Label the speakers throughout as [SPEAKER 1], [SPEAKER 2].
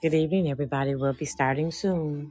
[SPEAKER 1] Good evening, everybody. We'll be starting soon.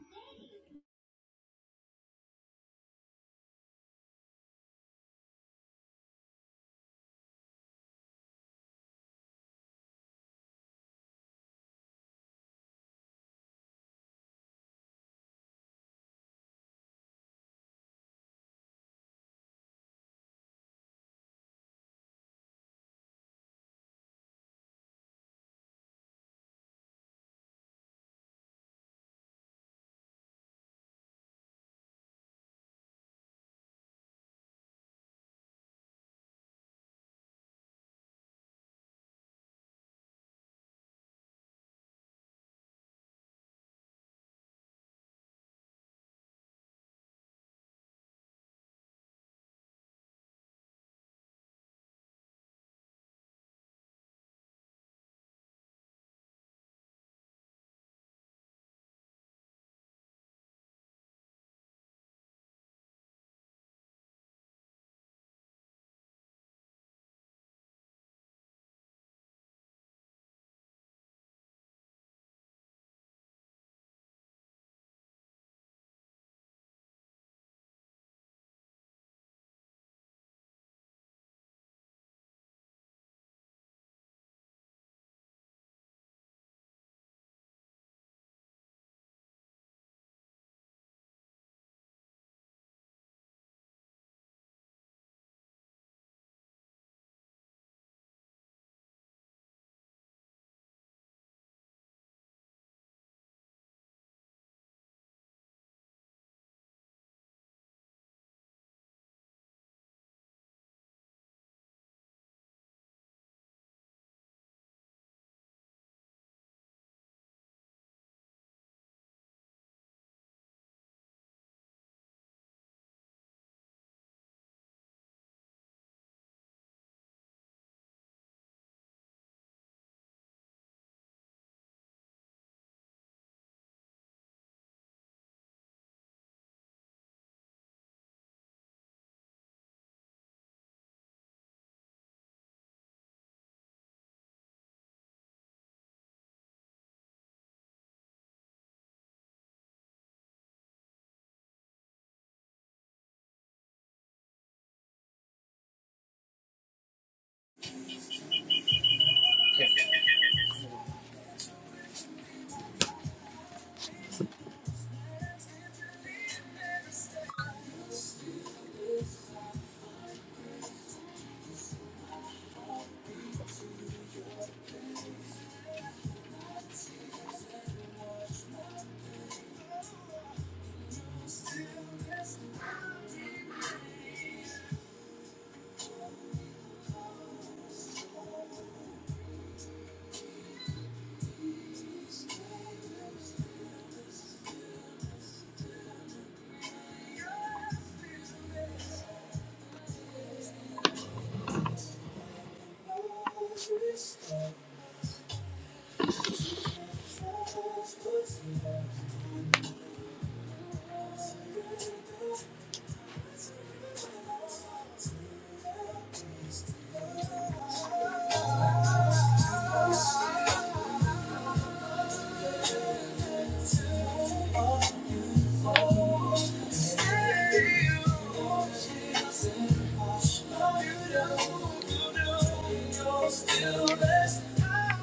[SPEAKER 2] Still, best I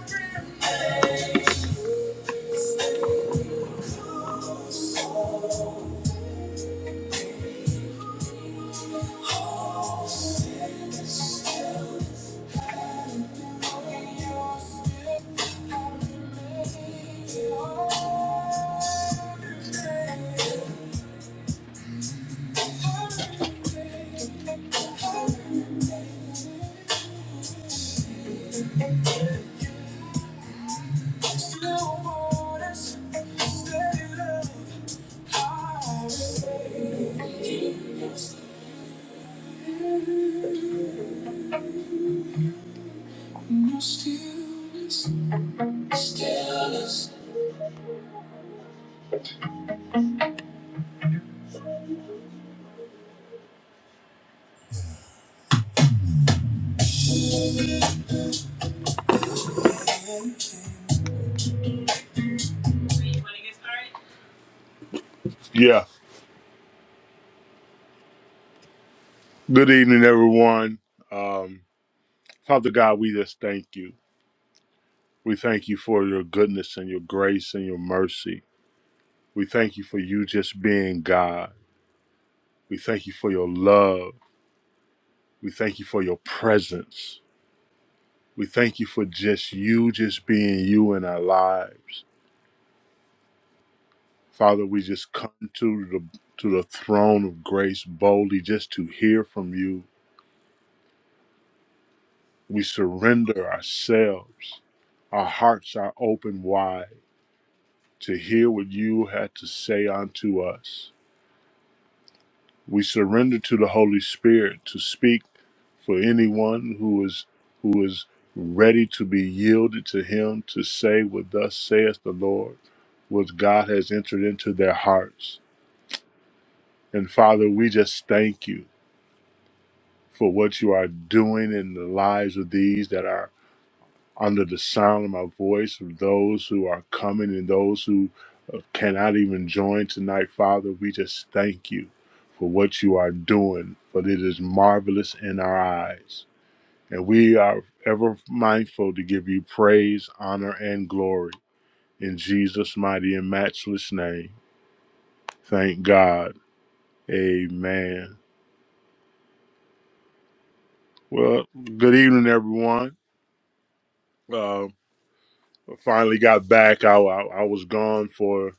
[SPEAKER 2] remain. Yeah. Good evening, everyone. Um, Father God, we just thank you. We thank you for your goodness and your grace and your mercy. We thank you for you just being God. We thank you for your love. We thank you for your presence. We thank you for just you just being you in our lives. Father, we just come to the to the throne of grace boldly just to hear from you. We surrender ourselves. Our hearts are open wide to hear what you had to say unto us. We surrender to the Holy Spirit to speak for anyone who is who is ready to be yielded to him to say what thus saith the Lord, what God has entered into their hearts. And Father, we just thank you for what you are doing in the lives of these that are under the sound of my voice, of those who are coming and those who uh, cannot even join tonight, Father, we just thank you for what you are doing, for it is marvelous in our eyes. And we are ever mindful to give you praise, honor, and glory in Jesus' mighty and matchless name. Thank God. Amen. Well, good evening, everyone. Uh, finally got back. I, I I was gone for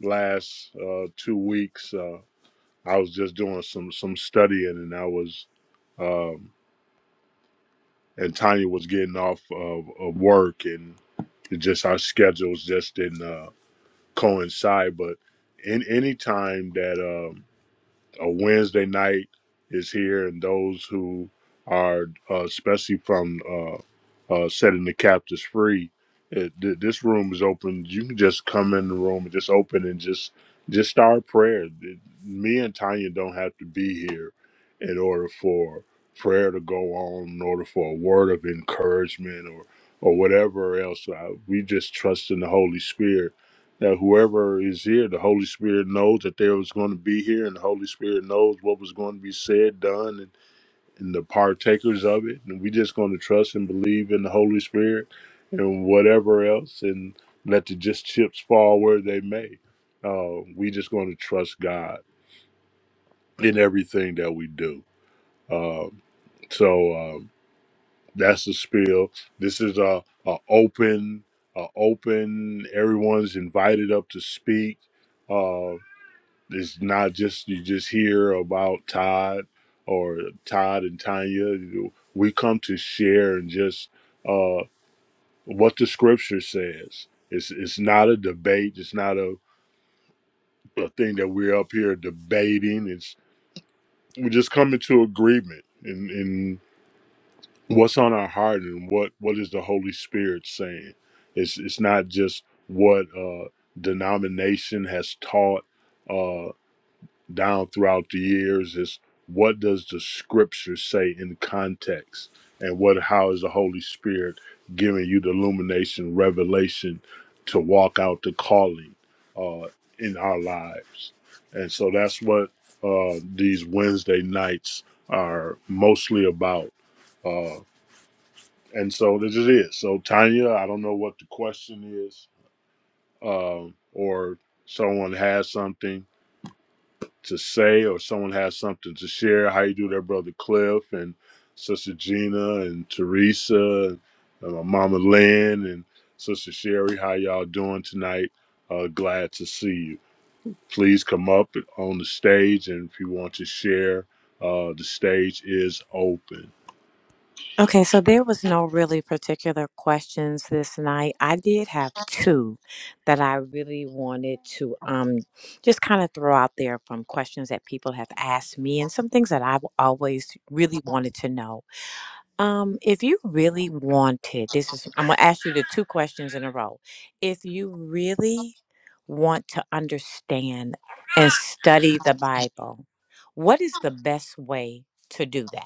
[SPEAKER 2] last uh, two weeks. Uh, I was just doing some some studying, and I was um, and Tanya was getting off of, of work, and it just our schedules just didn't uh, coincide. But in any time that um, a Wednesday night is here, and those who are, uh, especially from uh, uh, setting the captives free, it, th- this room is open. You can just come in the room and just open and just just start prayer. Th- Me and Tanya don't have to be here in order for prayer to go on, in order for a word of encouragement or or whatever else. I, we just trust in the Holy Spirit that whoever is here, the Holy Spirit knows that there was going to be here, and the Holy Spirit knows what was going to be said, done, and, and the partakers of it. And we just going to trust and believe in the Holy Spirit and whatever else, and let the just chips fall where they may. Uh, we just going to trust God in everything that we do. Um, so um, that's the spiel. This is a, a open, a open. Everyone's invited up to speak Uh, It's not just you just hear about Todd or Todd and Tanya. We come to share and just uh, what the scripture says. It's it's not a debate. It's not a, a thing that we're up here debating. It's we just come into agreement in, in what's on our heart and what, what is the Holy Spirit saying. It's it's not just what uh, denomination has taught. Uh, down throughout the years is what does the scripture say in context and what how is the holy spirit giving you the illumination revelation to walk out the calling uh in our lives and so that's what uh these wednesday nights are mostly about uh and so this is it so tanya i don't know what the question is um or someone has something to say or someone has something to share, how you do that, brother Cliff and Sister Gina and Teresa and my mama Lynn and Sister Sherry, how y'all doing tonight? Uh, glad to see you. Please come up on the stage, and if you want to share, uh, the stage is open.
[SPEAKER 1] Okay, so there was no really particular questions this night. I did have two that I really wanted to um just kind of throw out there from questions that people have asked me and some things that I've always really wanted to know. Um, if you really wanted, this is, I'm going to ask you the two questions in a row. If you really want to understand and study the Bible, what is the best way to do that?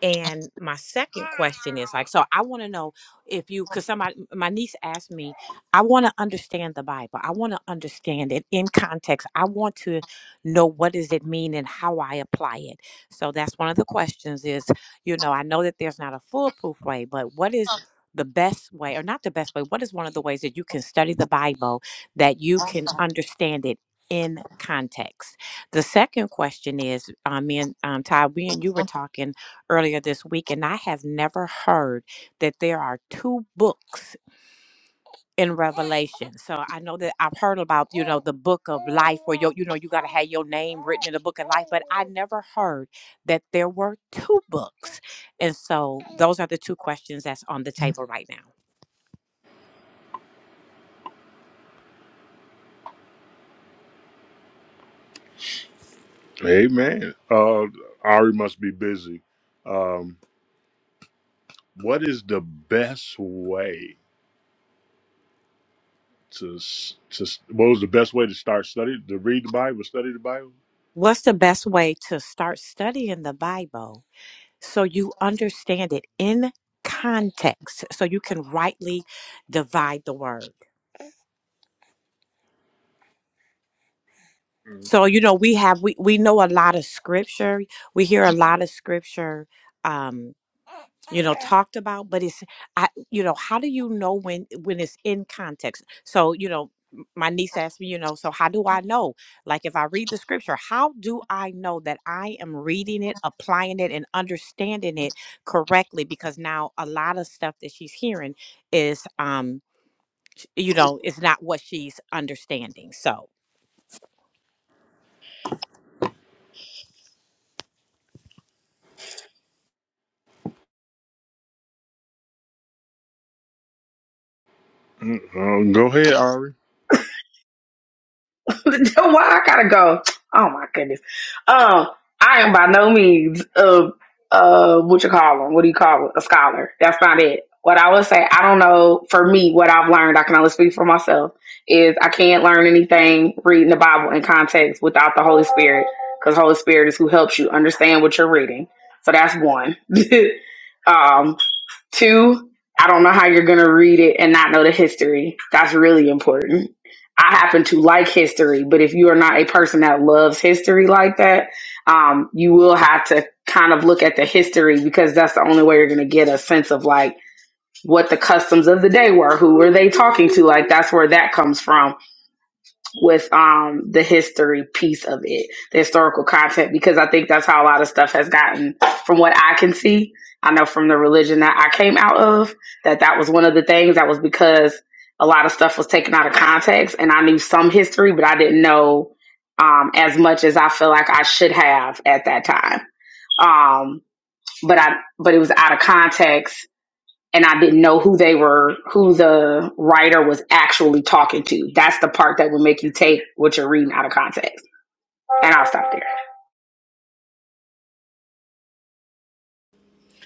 [SPEAKER 1] And my second question is like, so I want to know if you, because somebody, my niece asked me, I want to understand the Bible. I want to understand it in context. I want to know what does it mean and how I apply it. So that's one of the questions is, you know, I know that there's not a foolproof way, but what is the best way, or not the best way, what is one of the ways that you can study the Bible that you can understand it? In context. The second question is, um, me and um, Ty, we and you were talking earlier this week, and I have never heard that there are two books in Revelation. So I know that I've heard about, you know, the book of life where you you know you gotta have your name written in the book of life, but I never heard that there were two books. And so those are the two questions that's on the table right now.
[SPEAKER 2] Amen. Uh, Ari must be busy. Um, what is the best way to s- to s- what was the best way to start study to read the Bible, study the Bible?
[SPEAKER 1] What's the best way to start studying the Bible? so you understand it in context so you can rightly divide the word. So you know we have we we know a lot of scripture. We hear a lot of scripture um you know talked about but it's I you know how do you know when when it's in context? So you know m- my niece asked me, you know, so how do I know? Like if I read the scripture, how do I know that I am reading it, applying it and understanding it correctly because now a lot of stuff that she's hearing is um you know, is not what she's understanding. So
[SPEAKER 2] Um, go ahead, Ari.
[SPEAKER 3] Why I gotta go? Oh my goodness. Um, I am by no means a uh what you call them? What do you call it? A scholar. That's not it. What I would say, I don't know. For me, what I've learned, I can only speak for myself, is I can't learn anything reading the Bible in context without the Holy Spirit, because Holy Spirit is who helps you understand what you're reading. So that's one. um, Two, I don't know how you're going to read it and not know the history. That's really important. I happen to like history, but if you are not a person that loves history like that, um, you will have to kind of look at the history because that's the only way you're going to get a sense of like what the customs of the day were, who were they talking to? Like that's where that comes from with um the history piece of it, the historical content, because I think that's how a lot of stuff has gotten from what I can see. I know from the religion that I came out of that that was one of the things that was because a lot of stuff was taken out of context and I knew some history, but I didn't know um as much as I feel like I should have at that time. Um but I but it was out of context and I didn't know who they were, who the writer was actually talking to. That's the part that would make you take what you're reading out of context. And I'll stop there.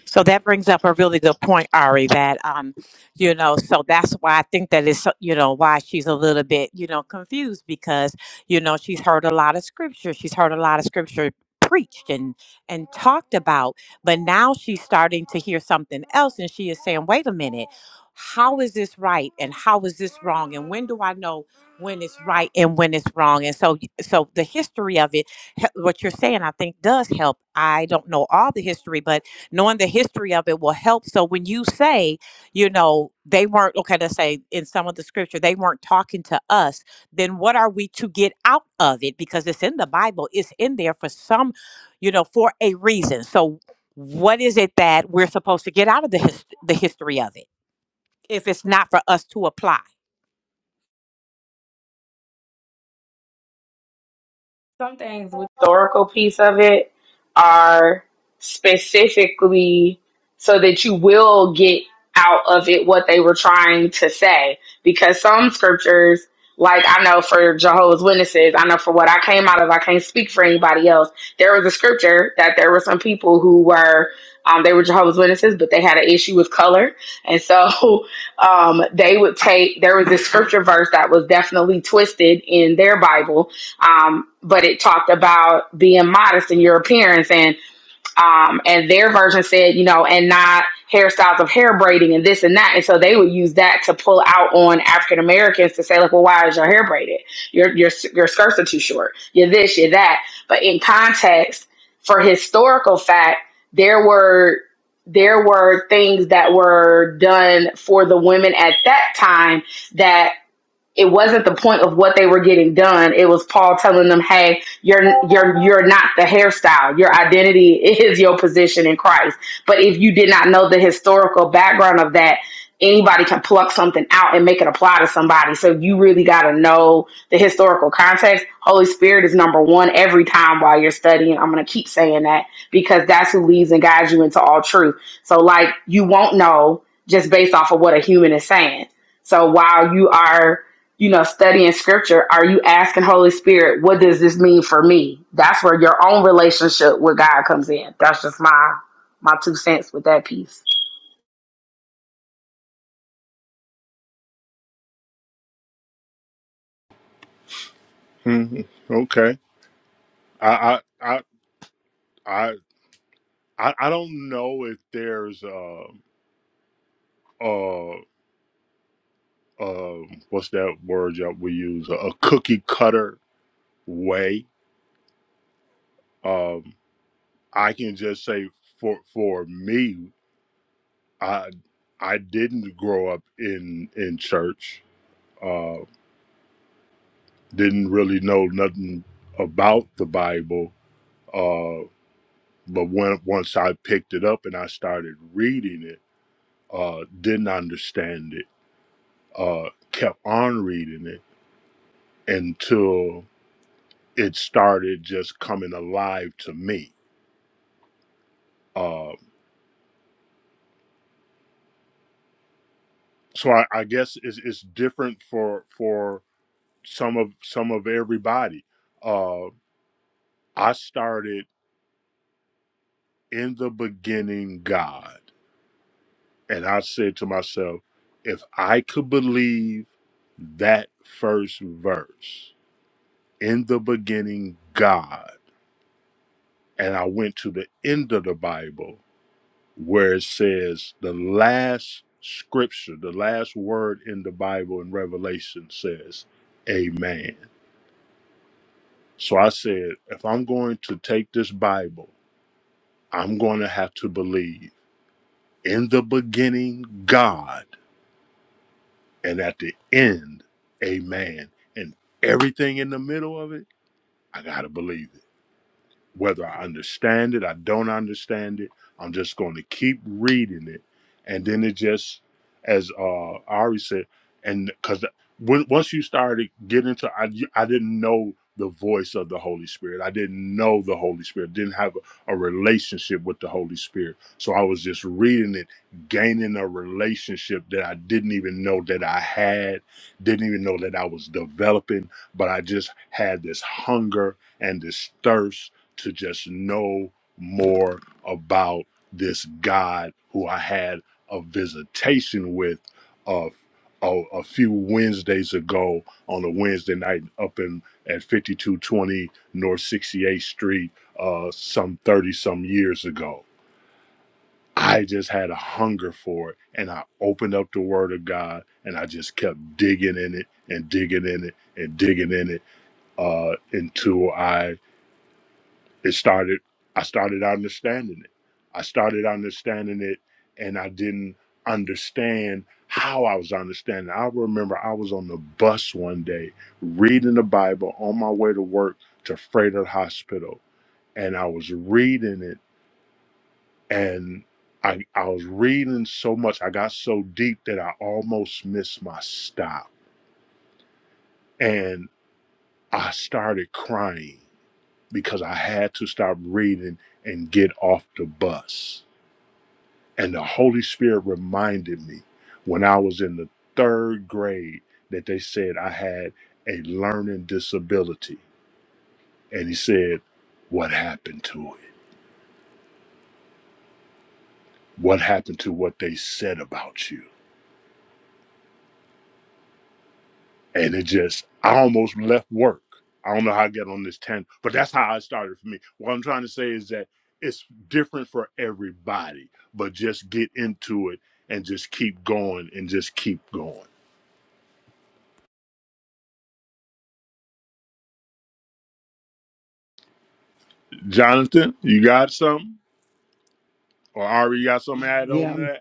[SPEAKER 1] So that brings up a really good point, Ari, that, um, you know, so that's why I think that is, you know, why she's a little bit, you know, confused because, you know, she's heard a lot of scripture. She's heard a lot of scripture preached and and talked about but now she's starting to hear something else and she is saying wait a minute how is this right and how is this wrong and when do i know when it's right and when it's wrong and so so the history of it he- what you're saying i think does help i don't know all the history but knowing the history of it will help. So when you say, you know, they weren't, okay, let's say in some of the scripture, they weren't talking to us, then what are we to get out of it? Because it's in the Bible, it's in there for some, you know, for a reason. So what is it that we're supposed to get out of the, his- the history of it if it's not for us to apply?
[SPEAKER 3] some things with the historical piece of it are specifically so that you will get out of it what they were trying to say because some scriptures like I know for Jehovah's Witnesses, I know for what I came out of, I can't speak for anybody else. There was a scripture that there were some people who were, um, they were Jehovah's Witnesses, but they had an issue with color. And so um, they would take, there was this scripture verse that was definitely twisted in their Bible um, but it talked about being modest in your appearance and um, and their version said you know and not hairstyles of hair braiding and this and that and so they would use that to pull out on african americans to say like well why is your hair braided your your your skirts are too short you're this you're that but in context for historical fact there were there were things that were done for the women at that time that it wasn't the point of what they were getting done. It was Paul telling them, "Hey, you're you're you're not the hairstyle. Your identity is your position in Christ." But if you did not know the historical background of that, anybody can pluck something out and make it apply to somebody. So you really got to know the historical context. Holy Spirit is number 1 every time while you're studying. I'm going to keep saying that because that's who leads and guides you into all truth. So like you won't know just based off of what a human is saying. So while you are you know, studying scripture, are you asking Holy Spirit, what does this mean for me? That's where your own relationship with God comes in. That's just my my two cents with that piece.
[SPEAKER 2] Mhm. Okay. I, I I I I I don't know if there's uh uh uh what's that word that we use a, a cookie cutter way. Um, I can just say for for me, I I didn't grow up in in church. Uh, didn't really know nothing about the Bible. Uh, but when once I picked it up and I started reading it uh, didn't understand it, uh, kept on reading it until it started just coming alive to me. Uh, so I, I guess it's, it's different for for some of some of everybody. Uh, I started in the beginning God, and I said to myself, if I could believe that first verse in the beginning God, and I went to the end of the Bible where it says the last scripture, the last word in the Bible in Revelation says, Amen. So I said, if I'm going to take this Bible, I'm going to have to believe in the beginning, God, and at the end, Amen. And everything in the middle of it, I got to believe it. whether I understand it, I don't understand it. I'm just going to keep reading it, and then it just, as uh, Ari said, and because once you started getting into, I I didn't know the voice of the Holy Spirit. I didn't know the Holy Spirit. Didn't have a, a relationship with the Holy Spirit. So I was just reading it, gaining a relationship that I didn't even know that I had. Didn't even know that I was developing. But I just had this hunger and this thirst to just know more about this God who I had a visitation with a, a, a few Wednesdays ago on a Wednesday night up in at 5220 North 68th Street, uh, some 30 some years ago. I just had a hunger for it and I opened up the Word of God and I just kept digging in it and digging in it and digging in it uh, until I it started i started understanding it i started understanding it and i didn't understand how i was understanding i remember i was on the bus one day reading the bible on my way to work to frederick hospital and i was reading it and I, I was reading so much i got so deep that i almost missed my stop and i started crying because i had to stop reading and get off the bus And the Holy Spirit reminded me when I was in the third grade that they said I had a learning disability. And he said, What happened to it? What happened to what they said about you? And it just, I almost left work. I don't know how I get on this tangent, but that's how it started for me. What I'm trying to say is that it's different for everybody, but just get into it and just keep going and just keep going. Jonathan, you got something? Or Ari, you got something added on
[SPEAKER 4] Yeah,
[SPEAKER 2] that?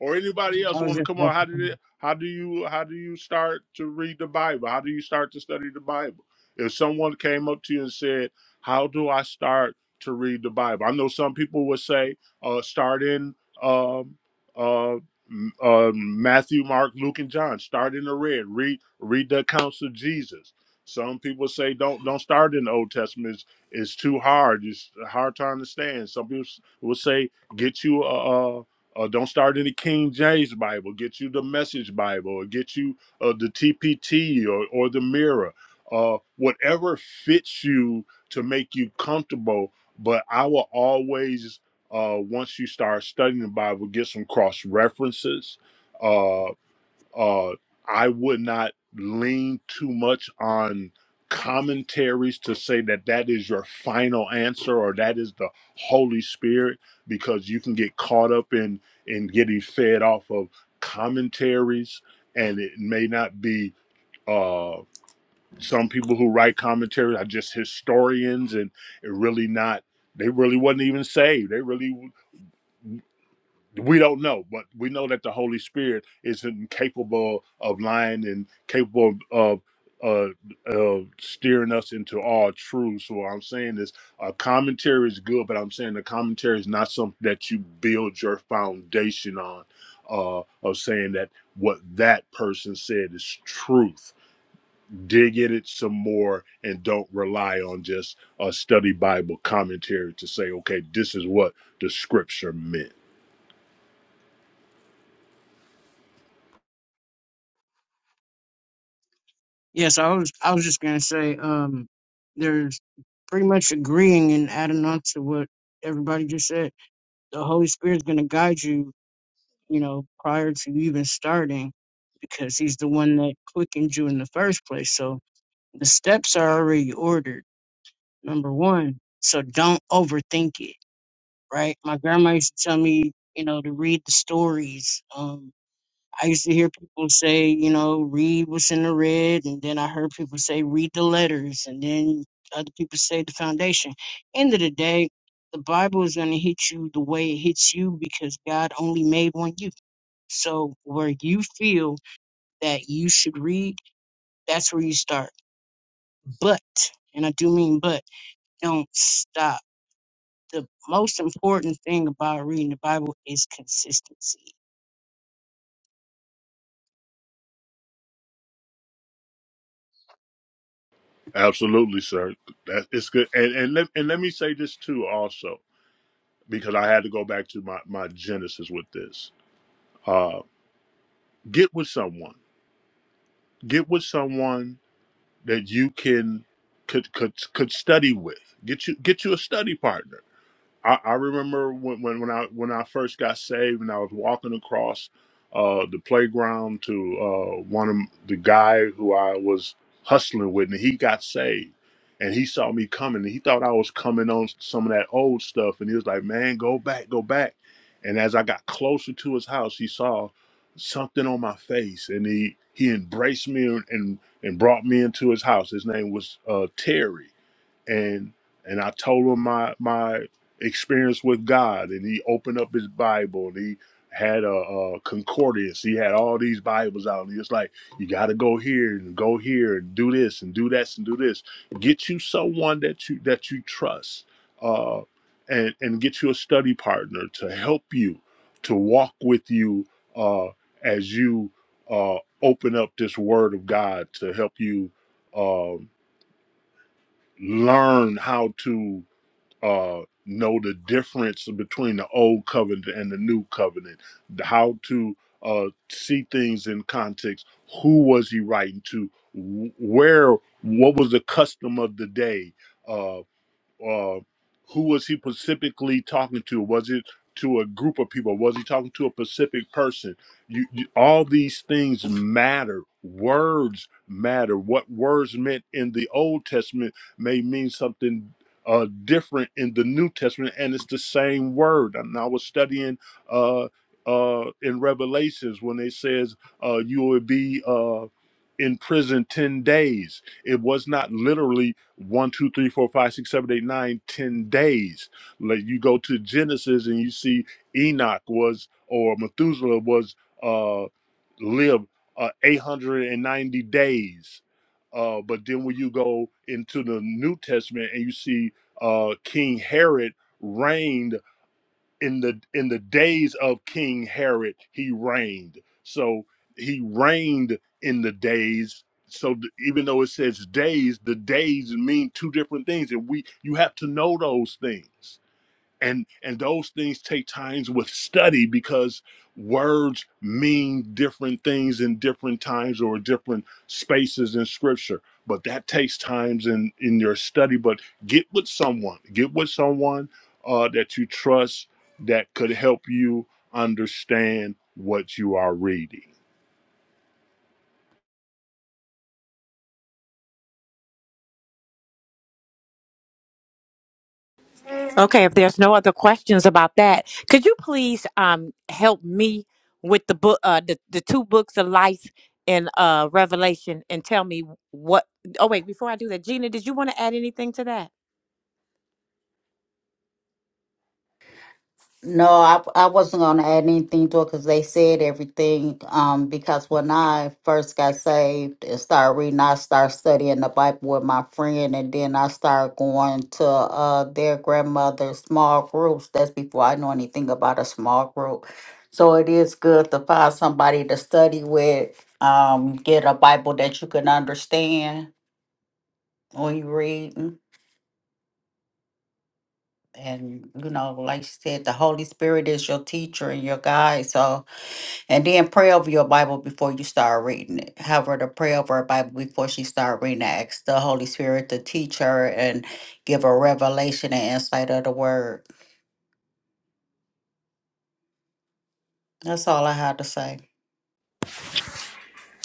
[SPEAKER 2] or anybody else
[SPEAKER 4] I was
[SPEAKER 2] want to
[SPEAKER 4] just
[SPEAKER 2] come on
[SPEAKER 4] about
[SPEAKER 2] how
[SPEAKER 4] to.
[SPEAKER 2] did it
[SPEAKER 4] come-
[SPEAKER 2] how do you how do you start to read the bible how do you start to study the bible if someone came up to you and said how do i start to read the bible i know some people would say uh start in um uh, M- uh matthew mark luke and john start in the red read read the accounts of jesus some people say don't don't start in the old testament it's, it's too hard it's hard to understand some people s- will say get you a." Uh, don't start in the King James Bible. Get you the Message Bible, or get you uh, the TPT or, or the Mirror, uh, whatever fits you to make you comfortable. But I will always, uh, once you start studying the Bible, get some cross references. Uh, uh, I would not lean too much on commentaries to say that that is your final answer or that is the Holy Spirit because you can get caught up in in getting fed off of commentaries and it may not be uh some people who write commentaries are just historians and it really not they really wasn't even saved they really we don't know, but we know that the Holy Spirit is incapable of lying and capable of uh, uh, steering us into all truth. So what I'm saying is, a commentary is good, but I'm saying the commentary is not something that you build your foundation on. Uh, of saying that what that person said is truth. Dig in it some more and don't rely on just a study Bible commentary to say, okay, this is what the scripture meant.
[SPEAKER 4] Yes, I was. I was just gonna say, um, there's pretty much agreeing and adding on to what everybody just said. The Holy Spirit's gonna guide you, you know, prior to you even starting, because He's the one that quickened you in the first place. So the steps are already ordered. Number one, so don't overthink it. Right? My grandma used to tell me, you know, to read the stories. um. I used to hear people say, you know, read what's in the red, and then I heard people say read the letters, and then other people say the foundation. End of the day, the Bible is going to hit you the way it hits you because God only made one you. So where you feel that you should read, that's where you start. But, and I do mean but, don't stop. The most important thing about reading the Bible is consistency.
[SPEAKER 2] Absolutely, sir. That it's good. And and let and let me say this too also, because I had to go back to my, my genesis with this. Uh get with someone. Get with someone that you can could could could study with. Get you get you a study partner. I, I remember when, when when I when I first got saved and I was walking across uh, the playground to uh, one of the guy who I was hustling with, and he got saved, and he saw me coming, and he thought I was coming on some of that old stuff, and he was like, "Man, go back, go back." And as I got closer to his house, he saw something on my face, and he he embraced me and and, and brought me into his house. His name was uh, Terry and and I told him my my experience with God, and he opened up his Bible, and he had a, a concordance. He had all these Bibles out, and he was like, "You got to go here and go here and do this and do that and do this. Get you someone that you that you trust, uh, and and get you a study partner to help you, to walk with you uh, as you uh, open up this Word of God to help you." Um, learn how to uh, know the difference between the old covenant and the new covenant, how to uh, see things in context. Who was he writing to? Wh- Where? What was the custom of the day? Uh, uh, who was he specifically talking to? Was it to a group of people? Was he talking to a specific person? You, you, all these things matter. Words matter. What words meant in the Old Testament may mean something uh, different in the New Testament, and it's the same word. And I was studying uh, uh, in Revelations when it says uh, you will be uh, in prison ten days. It was not literally one, two, three, four, five, six, seven, eight, nine, ten days. Like you go to Genesis and you see Enoch was or Methuselah was uh lived uh, 890 days. Uh, but then when you go into the New Testament and you see uh, King Herod reigned in the in the days of King Herod, he reigned. So he reigned in the days. So th- even though it says days, the days mean two different things, and we you have to know those things and and those things take times with study because words mean different things in different times or different spaces in scripture but that takes times in in your study but get with someone get with someone uh, that you trust that could help you understand what you are reading
[SPEAKER 1] Okay, if there's no other questions about that, could you please um help me with the book, uh, the the two books of life and uh Revelation, and tell me what? Oh wait, before I do that, Gina, did you want to add anything to that?
[SPEAKER 5] No, I I wasn't gonna add anything to it because they said everything. Um, because when I first got saved and started reading, I started studying the Bible with my friend, and then I started going to uh their grandmother's small groups. That's before I know anything about a small group. So it is good to find somebody to study with. Um, get a Bible that you can understand when you read, and you know, like you said, the Holy Spirit is your teacher and your guide. So And then pray over your Bible before you start reading it. Have her to pray over her Bible before she start reading it. Ask the Holy Spirit to teach her and give her revelation and insight of the word. That's all I had to say.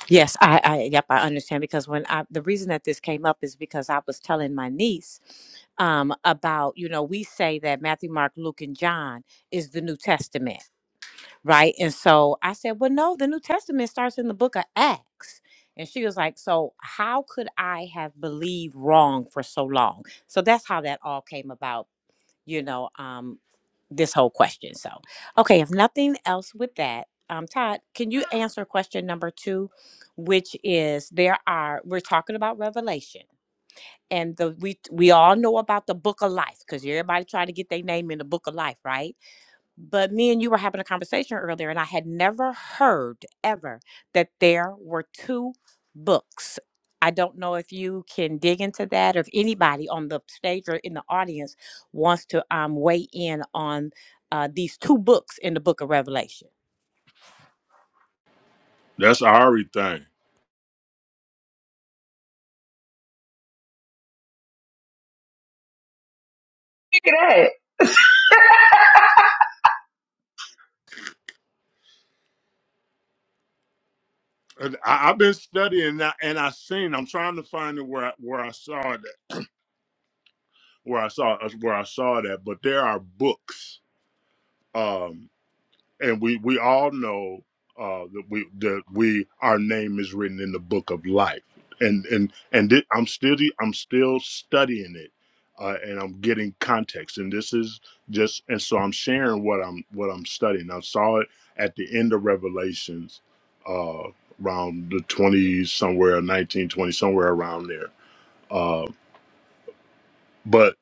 [SPEAKER 1] Yes, I, I, yep, I understand because when I, the reason that this came up is because I was telling my niece um about you know we say that Matthew, Mark, Luke, and John is the New Testament right? And so I said, Well, no, the New Testament starts in the book of Acts. And she was like, So how could I have believed wrong for so long? So that's how that all came about, you know, um, this whole question. So, okay, if nothing else with that, um, Todd, can you answer question number two, which is there are, we're talking about revelation. And the we we all know about the book of life because everybody trying to get their name in the book of life, right? But me and you were having a conversation earlier, and I had never heard ever that there were two books. I don't know if you can dig into that, or if anybody on the stage or in the audience wants to um, weigh in on uh, these two books in the book of Revelation.
[SPEAKER 2] that's Ari thing
[SPEAKER 3] Look at that.
[SPEAKER 2] And I, I've been studying that, and I seen. I'm trying to find it where I, where I saw that, where I saw where I saw that. But there are books um, and we we all know uh, that we that we our name is written in the book of life, and and and thi- I'm still I'm still studying it, uh, and I'm getting context, and this is just and so I'm sharing what I'm what I'm studying. I saw it at the end of Revelations, uh, around the 20s somewhere, 1920 somewhere around there, uh, but.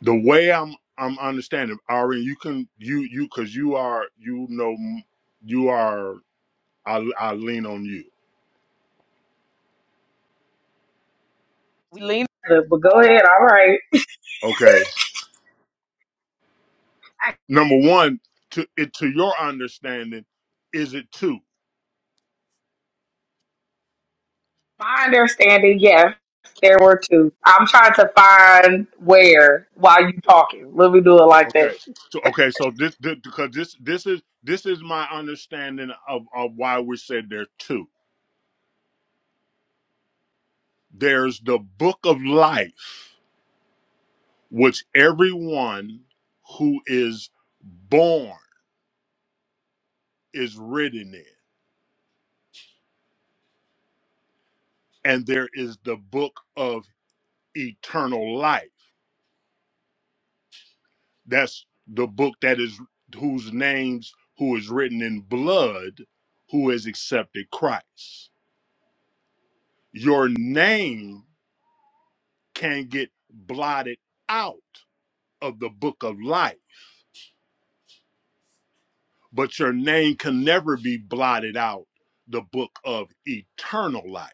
[SPEAKER 2] the way I'm I'm understanding, Ari, you can you you because you are you know you are I I lean on you.
[SPEAKER 3] We lean into it, but go ahead. All right.
[SPEAKER 2] Okay.
[SPEAKER 3] I,
[SPEAKER 2] Number one, to it to your understanding, is it two?
[SPEAKER 3] my understanding, yes, there were two. I'm trying to find where while you talking. Let me do it like that.
[SPEAKER 2] Okay. So okay, so this, this because this this is this is my understanding of, of why we said there are two. There's the book of life, which everyone who is born is written in. And there is the book of eternal life. That's the book that is whose names who is written in blood who has accepted Christ. Your name can get blotted out of the book of life, but your name can never be blotted out the book of eternal life.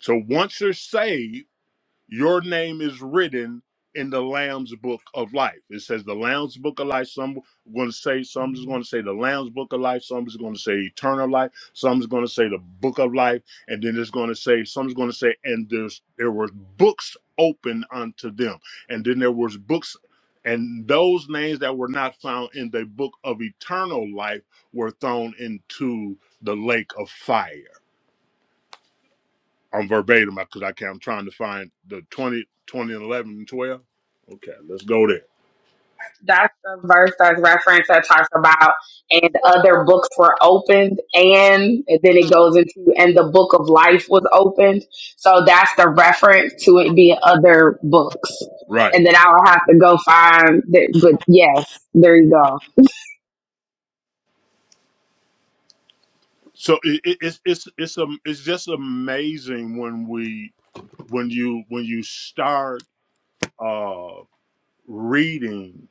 [SPEAKER 2] So once you're saved your name is written in the Lamb's book of life. It says the Lamb's book of life. Some going to say, some is going to say the Lamb's book of life. Some is going to say eternal life. Some is going to say the book of life. And then it's going to say, some is going to say, and there's, there were books open unto them. And then there was books and those names that were not found in the book of eternal life were thrown into the lake of fire. I'm verbatim because I can. I'm trying to find the 20, 20 and 11 and 12. Okay, let's go there.
[SPEAKER 3] That's the verse that's referenced that talks about, and other books were opened, and, and then it goes into, and the book of life was opened. So that's the reference to it being other books.
[SPEAKER 2] Right.
[SPEAKER 3] And then I'll have to go find that. But yes, there you go.
[SPEAKER 2] So it, it, it's it's it's um it's just amazing when we when you when you start uh reading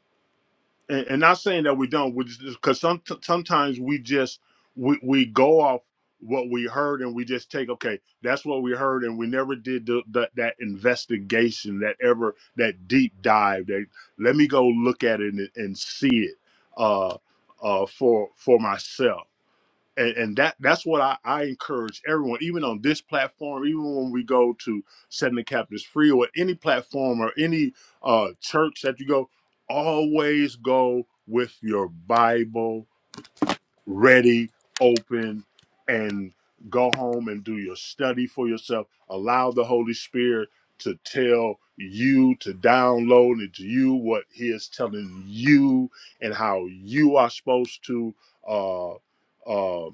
[SPEAKER 2] and, and not saying that we don't, we just because some sometimes we just we we go off what we heard and we just take okay that's what we heard and we never did the, the, that investigation that ever that deep dive that let me go look at it and, and see it uh uh for for myself and, and that that's what I, I encourage everyone, even on this platform, even when we go to setting the captives free or any platform or any uh, church that you go, always go with your Bible ready, open, and go home and do your study for yourself. Allow the Holy Spirit to tell you, to download into you what He is telling you and how you are supposed to uh, uh,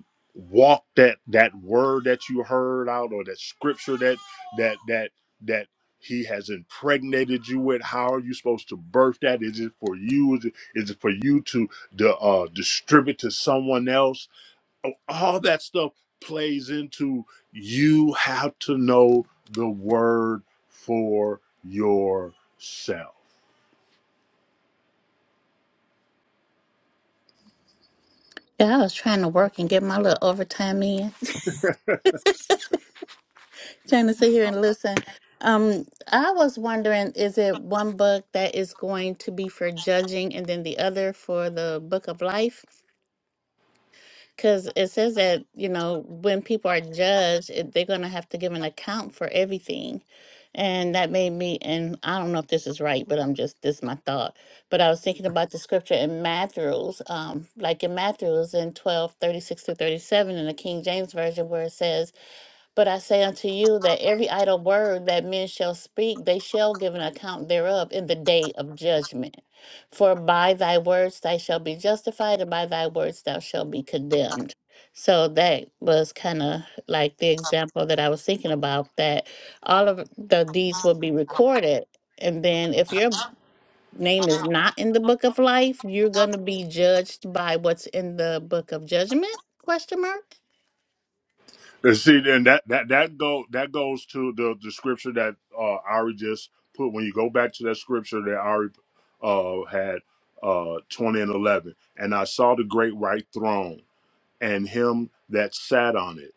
[SPEAKER 2] walk that that word that you heard out or that scripture that that that that he has impregnated you with how are you supposed to birth that is it for you is it, is it for you to the uh, distribute to someone else. Oh, All that stuff plays into you have to know the word for yourself.
[SPEAKER 6] Yeah, I was trying to work and get my little overtime in, trying to sit here and listen. Um, I was wondering, is it one book that is going to be for judging and then the other for the book of life? Because it says that, you know, when people are judged, it, they're going to have to give an account for everything. And that made me, and I don't know if this is right, but I'm just, this is my thought. But I was thinking about the scripture in Matthew's, um, like in Matthew's in twelve thirty six 36 through 37 in the King James Version, where it says, But I say unto you that every idle word that men shall speak, they shall give an account thereof in the day of judgment. For by thy words thou shalt be justified, and by thy words thou shalt be condemned. So that was kind of like the example that I was thinking about that all of the deeds will be recorded. And then if your name is not in the book of life, you're going to be judged by what's in the book of judgment? Question mark.
[SPEAKER 2] And see, then that that that go that goes to the the scripture that uh, Ari just put. When you go back to that scripture that Ari uh, had uh, twenty and eleven, and I saw the great white throne and him that sat on it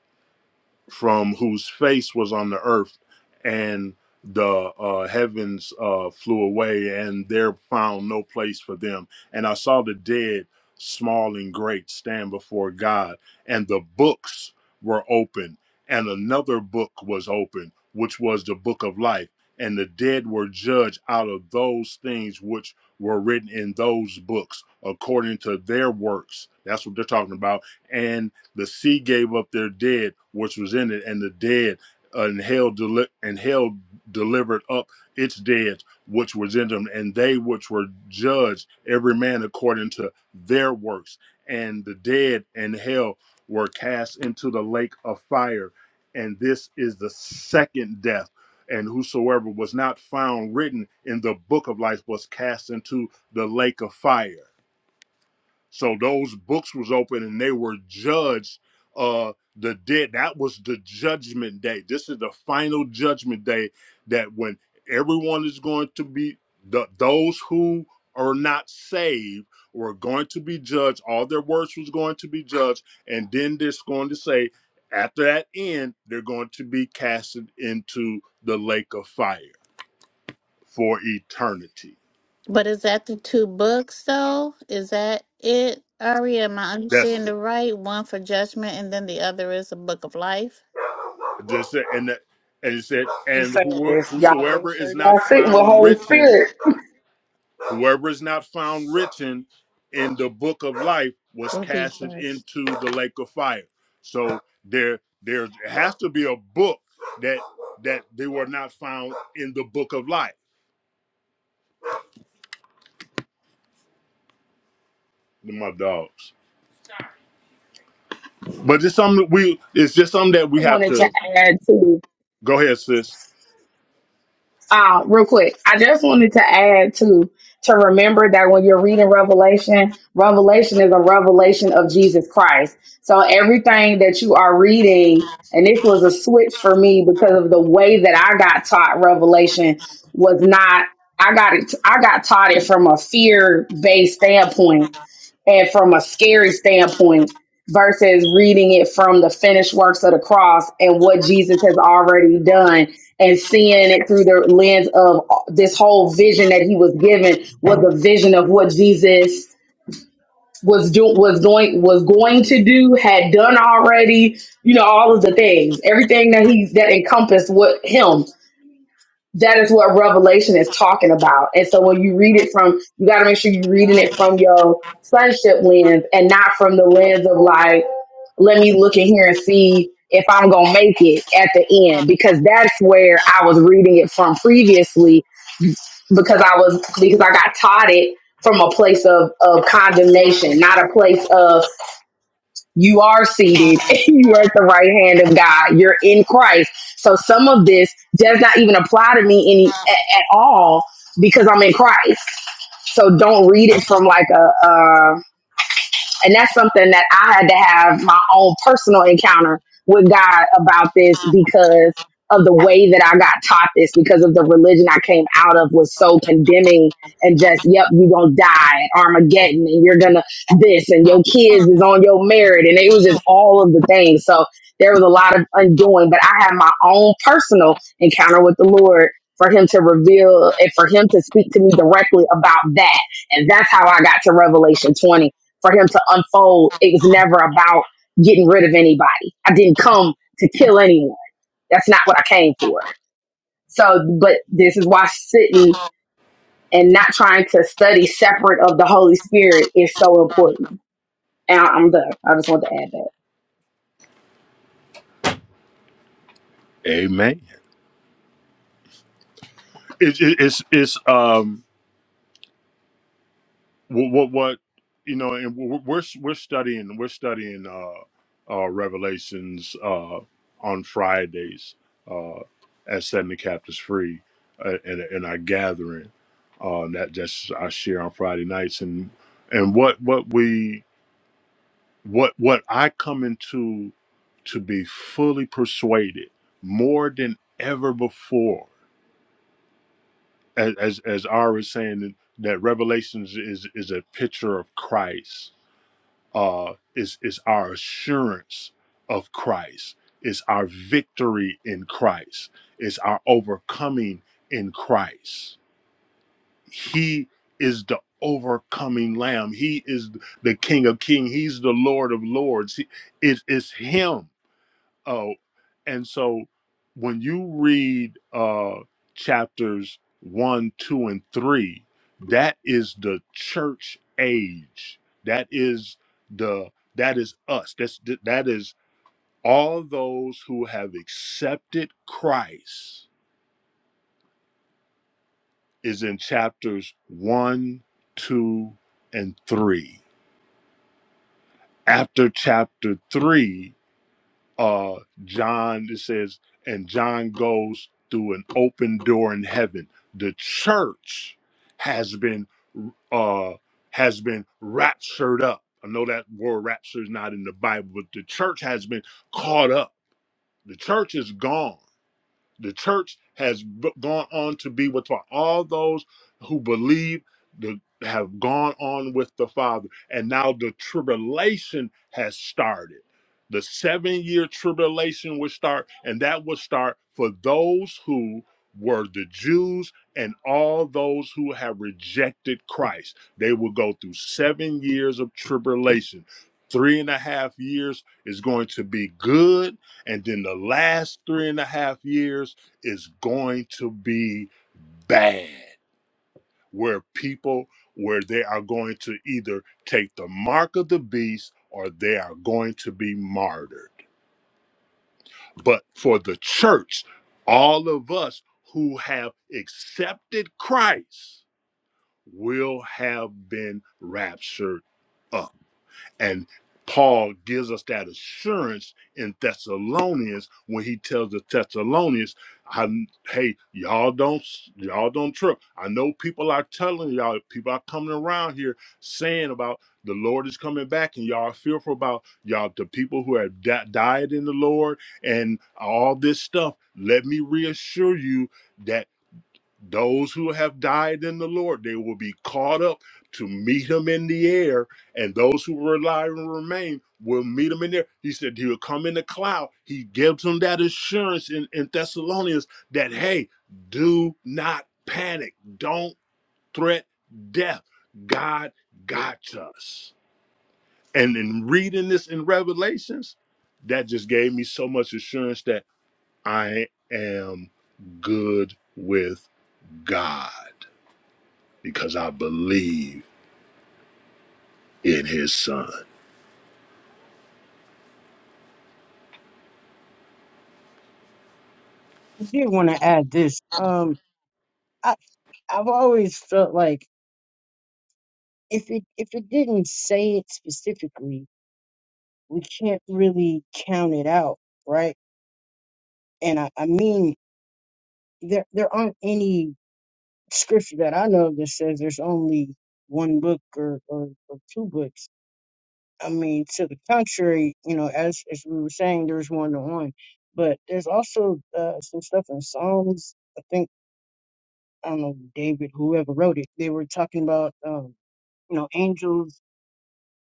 [SPEAKER 2] from whose face was on the earth, and the uh, heavens uh, flew away, and there found no place for them. And I saw the dead, small and great, stand before God, and the books were open, and another book was open, which was the book of life. And the dead were judged out of those things which were written in those books according to their works. That's what they're talking about and. The sea gave up their dead, which was in it, and the dead uh, and hell deli- and hell delivered up its dead, which was in them, and they which were judged, every man according to their works. And the dead and hell were cast into the lake of fire. And this is the second death. And whosoever was not found written in the book of life was cast into the lake of fire. So those books was open and they were judged uh the dead. That was the judgment day. This is the final judgment day that when everyone is going to be the those who are not saved were going to be judged. All their works was going to be judged, and then this going to say after that end, they're going to be casted into the lake of fire for eternity.
[SPEAKER 6] But is that the two books though? Is that it, Ari? Am I
[SPEAKER 2] That's
[SPEAKER 6] understanding
[SPEAKER 2] it.
[SPEAKER 6] the right? One for judgment and then the other is a book of life.
[SPEAKER 2] Just said, and that, and it said,
[SPEAKER 3] Keep
[SPEAKER 2] and
[SPEAKER 3] saying
[SPEAKER 2] who,
[SPEAKER 3] this. Y'all make
[SPEAKER 2] whosoever
[SPEAKER 3] sure
[SPEAKER 2] is not
[SPEAKER 3] y'all sitting with
[SPEAKER 2] found
[SPEAKER 3] Holy
[SPEAKER 2] written,
[SPEAKER 3] Spirit.
[SPEAKER 2] whoever is not found written in the book of life was
[SPEAKER 6] Will be
[SPEAKER 2] casted
[SPEAKER 6] judged.
[SPEAKER 2] into the lake of fire. So there, there has to be a book that that they were not found in the book of life. My dogs, but it's something we. It's just something that
[SPEAKER 3] I
[SPEAKER 2] we have
[SPEAKER 3] wanted to
[SPEAKER 2] to
[SPEAKER 3] add too.
[SPEAKER 2] go ahead, sis.
[SPEAKER 3] uh, real quick, I just wanted to add to to remember that when you're reading Revelation, Revelation is a revelation of Jesus Christ. So everything that you are reading, and this was a switch for me because of the way that I got taught Revelation was not. I got it. I got taught it from a fear based standpoint and from a scary standpoint versus reading it from the finished works of the cross and what Jesus has already done and seeing it through the lens of this whole vision that he was given was a vision of what Jesus was doing was going was going to do had done already you know all of the things everything that he that encompassed what him that is what revelation is talking about and so when you read it from you got to make sure you're reading it from your sonship lens and not from the lens of like let me look in here and see if i'm gonna make it at the end because that's where i was reading it from previously because i was because i got taught it from a place of of condemnation not a place of you are seated and you are at the right hand of God. You're in Christ. So some of this does not even apply to me any a- at all because I'm in Christ. So don't read it from like a and that's something that I had to have my own personal encounter with God about this because of the way that I got taught this, because of the religion I came out of was so condemning and just, yep, you're gonna die at Armageddon and you're gonna this and your kids is on your merit. And it was just all of the things. So there was a lot of undoing, but I had my own personal encounter with the Lord for him to reveal and for him to speak to me directly about that. And that's how I got to Revelation 20 for him to unfold. It was never about getting rid of anybody. I didn't come to kill anyone. That's not what I came for. So, but this is why sitting and not trying to study separate of the Holy Spirit is so important. And I- I'm done. I just want to add that.
[SPEAKER 2] Amen. It's it's it's um what what, what you know, and we're we're we're studying we're studying uh, uh, Revelations uh, on Fridays uh, at setting the captives free uh, in, in our gathering. Uh, that that's I share on Friday nights and and what what we what what I come into to be fully persuaded more than ever before as as, as Ari was saying that Revelations is is a picture of Christ uh, is is our assurance of Christ, is our victory in Christ, is our overcoming in Christ. He is the overcoming Lamb. He is the King of Kings. He's the Lord of Lords. He, it is Him. Oh, and so when you read uh chapters one, two, and three, that is the church age. That is the that is us. That's that is all those who have accepted Christ is in chapters one, two, and three. After chapter three, uh John it says and John goes through an open door in heaven. The church has been uh has been raptured up. I know that word rapture is not in the Bible, but the church has been caught up. The church is gone the church has b- gone on to be with All those who believe the, have gone on with the Father. And now the tribulation has started. The seven year tribulation will start, and that will start for those who were the Jews and all those who have rejected Christ. They will go through seven years of tribulation. Three and a half years is going to be good and then the last three and a half years is going to be bad, where people, where they are going to either take the mark of the beast or they are going to be martyred. But for the church, all of us who have accepted Christ will have been raptured up. And Paul gives us that assurance in Thessalonians when he tells the Thessalonians, I, "Hey, y'all don't y'all don't trip. I know people are telling y'all, people are coming around here saying about the Lord is coming back, and y'all are fearful about y'all the people who have di- died in the Lord and all this stuff. Let me reassure you that." Those who have died in the Lord, they will be caught up to meet him in the air. And those who rely and remain will meet him in there. He said he'll come in the cloud. He gives them that assurance in, in Thessalonians that, hey, do not panic. Don't threat death. God got us. And in reading this in Revelations, that just gave me so much assurance that I am good with God because I believe in His Son.
[SPEAKER 4] I did want to add this. Um, I, I've always felt like if it if it didn't say it specifically, we can't really count it out, right? And I, I mean, there there aren't any scripture that I know that says there's only one book or, or, or two books. I mean, to the contrary, you know, as as we were saying, there's one to one, but there's also uh, some stuff in Psalms. I think I don't know David, whoever wrote it, they were talking about um, you know angels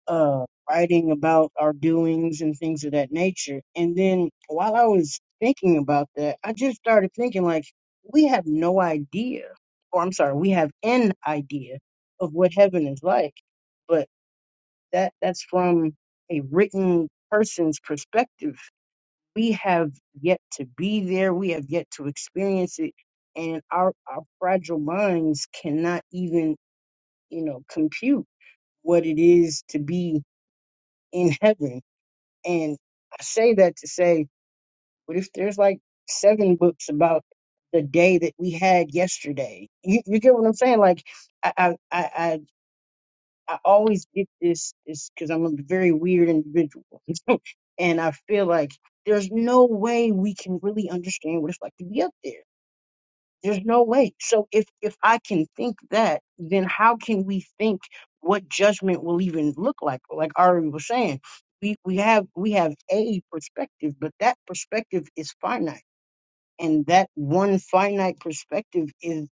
[SPEAKER 4] uh, writing about our doings and things of that nature. And then while I was thinking about that, I just started thinking like, we have no idea, or I'm sorry, we have an idea of what heaven is like, but that that's from a written person's perspective. We have yet to be there. We have yet to experience it. And our, our fragile minds cannot even, you know, compute what it is to be in heaven and I say that to say, but if there's like seven books about the day that we had yesterday? You, you get what I'm saying? Like, I, I, I, I I always get this is because I'm a very weird individual, and I feel like there's no way we can really understand what it's like to be up there. There's no way. So if if I can think that, then how can we think what judgment will even look like? Like Ari was saying, we we have we have a perspective, but that perspective is finite, and that one finite perspective is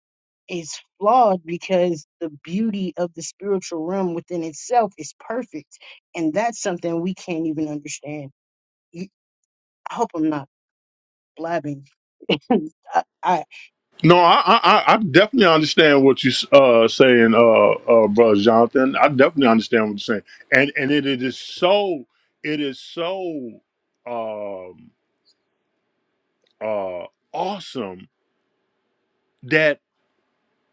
[SPEAKER 4] is flawed because the beauty of the spiritual realm within itself is perfect, and that's something we can't even understand. You, I hope I'm not blabbing. I I
[SPEAKER 2] No, I I, I I definitely understand what you uh saying, uh, uh, brother Jonathan. I definitely understand what you're saying, and and it, it is so it is so um uh awesome that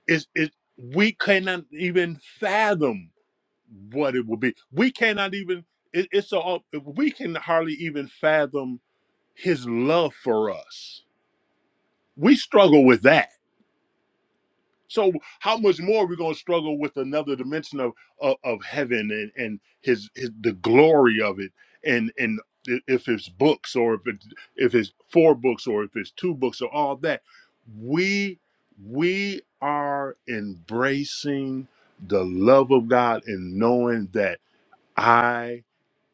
[SPEAKER 2] it's it we cannot even fathom what it will be. We cannot even it, it's a we can hardly even fathom His love for us. We struggle with that So how much more are we gonna struggle with another dimension of of, of heaven and and his, his the glory of it and and if it's books or if it's if it's four books or if it's two books or all that we we are embracing the love of God and knowing that I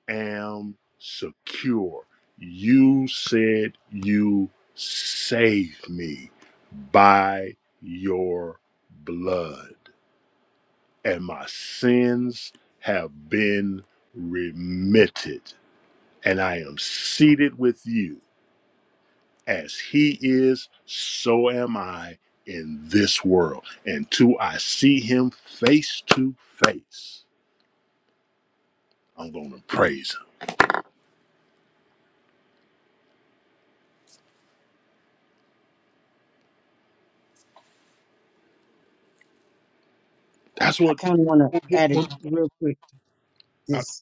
[SPEAKER 2] am secure. You said you saved me by your blood, and my sins have been remitted, and I am seated with you. As he is, so am I in this world. Until I see him face to face, I'm going to praise him. That's
[SPEAKER 4] I
[SPEAKER 2] what,
[SPEAKER 4] kind of want to add it real quick.
[SPEAKER 2] I,
[SPEAKER 4] This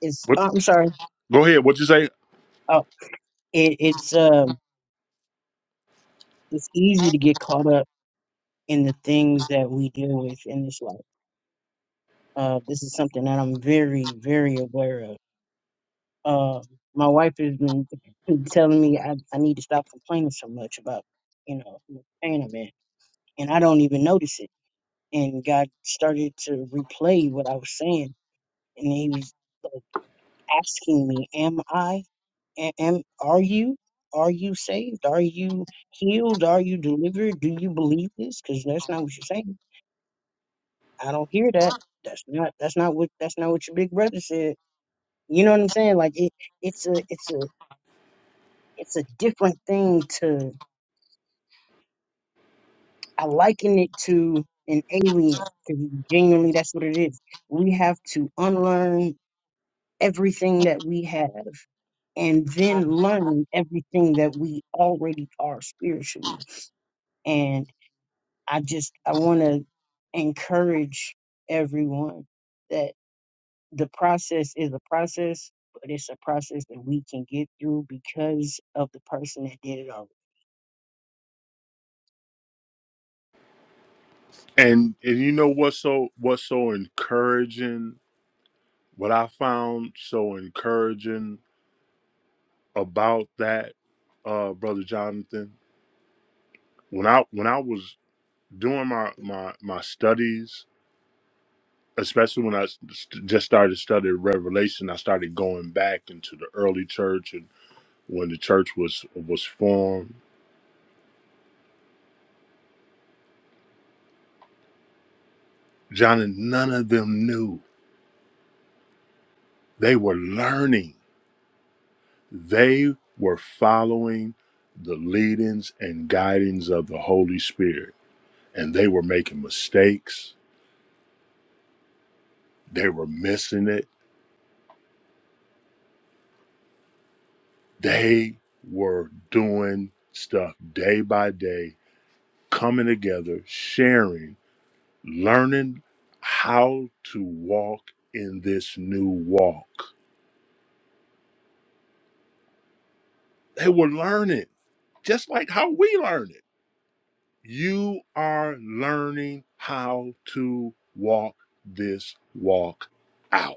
[SPEAKER 4] it's
[SPEAKER 2] what,
[SPEAKER 4] oh, I'm sorry.
[SPEAKER 2] go ahead. What'd you say?
[SPEAKER 4] Oh, it, it's um it's easy to get caught up in the things that we deal with in this life. Uh, this is something that I'm very very aware of. Uh, my wife has been telling me I, I need to stop complaining so much about you know the pain I'm in, and I don't even notice it. And God started to replay what I was saying, and He was like asking me, "Am I?" and, and are you are you saved are you healed are you delivered do you believe this because that's not what you're saying i don't hear that that's not that's not what that's not what your big brother said you know what i'm saying like it it's a it's a it's a different thing to i liken it to an alien because genuinely that's what it is we have to unlearn everything that we have and then learn everything that we already are spiritually and. I just I want to encourage everyone that the process is a process, but it's a process that we can get through because of the person that did it already.
[SPEAKER 2] And and you know what's so what's so encouraging? What I found so encouraging about that, uh, brother Jonathan, when I when I was doing my my my studies, especially when I s- st- just started studying Revelation, I started going back into the early church and when the church was was formed. John and none of them knew they were learning. They were following the leadings and guidings of the Holy Spirit, and they were making mistakes. They were missing it. They were doing stuff day by day, coming together, sharing, learning how to walk in this new walk. They were learning, just like how we learn it. You are learning how to walk this walk out.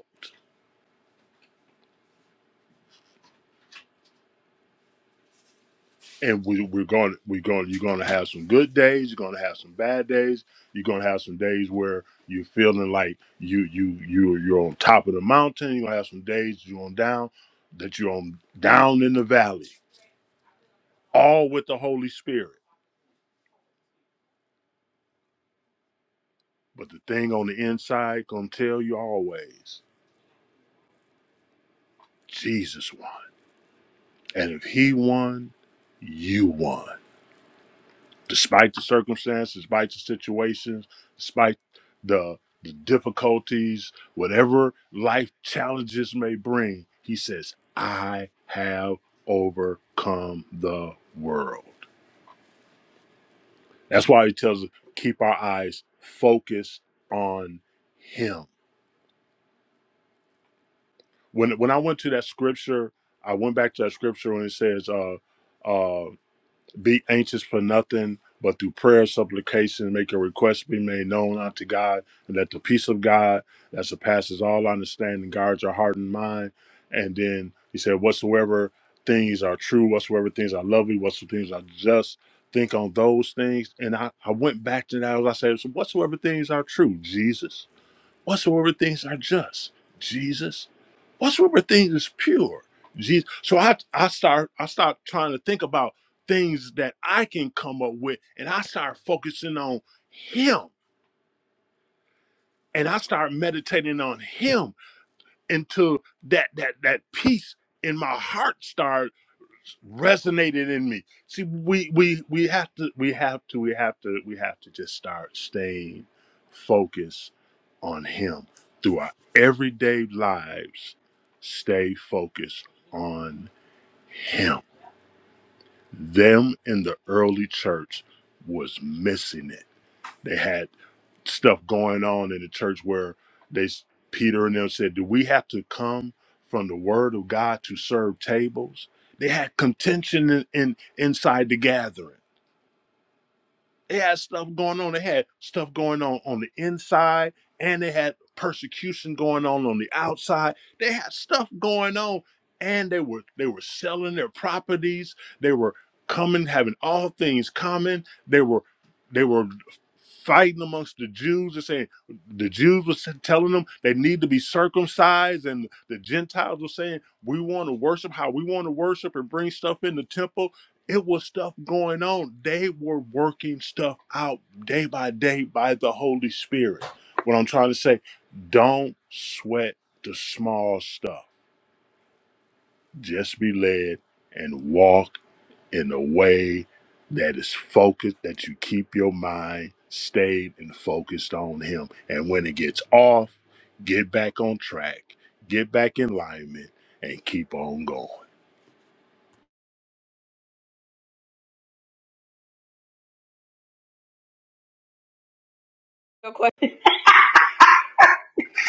[SPEAKER 2] And we, we're going, we're going, you're going to have some good days. You're going to have some bad days. You're going to have some days where you're feeling like you, you, you, you're on top of the mountain. You're going to have some days you're on down, that you're on down in the valley, all with the Holy Spirit. But the thing on the inside gonna tell you always, Jesus won. And if he won, you won. despite the circumstances, despite the situations, despite the, the difficulties, whatever life challenges may bring, he says, I have overcome the world. That's why he tells us keep our eyes focused on him. When when I went to that scripture, I went back to that scripture when it says, uh, uh, Be anxious for nothing, but through prayer, supplication, make your requests be made known unto God, and let the peace of God that surpasses all understanding guard your heart and mind. And then he said, Whatsoever things are true, whatsoever things are lovely, whatsoever things are just, think on those things. And I, I went back to that as I said, so whatsoever things are true, Jesus whatsoever things are just, Jesus. Whatsoever things is pure, Jesus. So I I start I start trying to think about things that I can come up with, and I start focusing on Him, and I start meditating on Him until that that that peace in my heart started resonated in me. See, we we we have to we have to we have to we have to just start staying focused on him through our everyday lives. Stay focused on him. Them in the early church was missing it. They had stuff going on in the church where they Peter and them said, "Do we have to come from the Word of God to serve tables?" They had contention in, in inside the gathering they had stuff going on. They had stuff going on on the inside, and they had persecution going on on the outside. They had stuff going on, and they were they were selling their properties. They were coming, having all things common. They were they were fighting amongst the Jews and saying the Jews were telling them they need to be circumcised, and the Gentiles were saying we want to worship how we want to worship and bring stuff in the temple it was stuff going on. They were working stuff out day by day by the Holy Spirit. What I'm trying to say, don't sweat the small stuff. Just be led and walk in a way that is focused, that you keep your mind stayed and focused on Him. And when it gets off, get back on track, get back in alignment, and keep on going.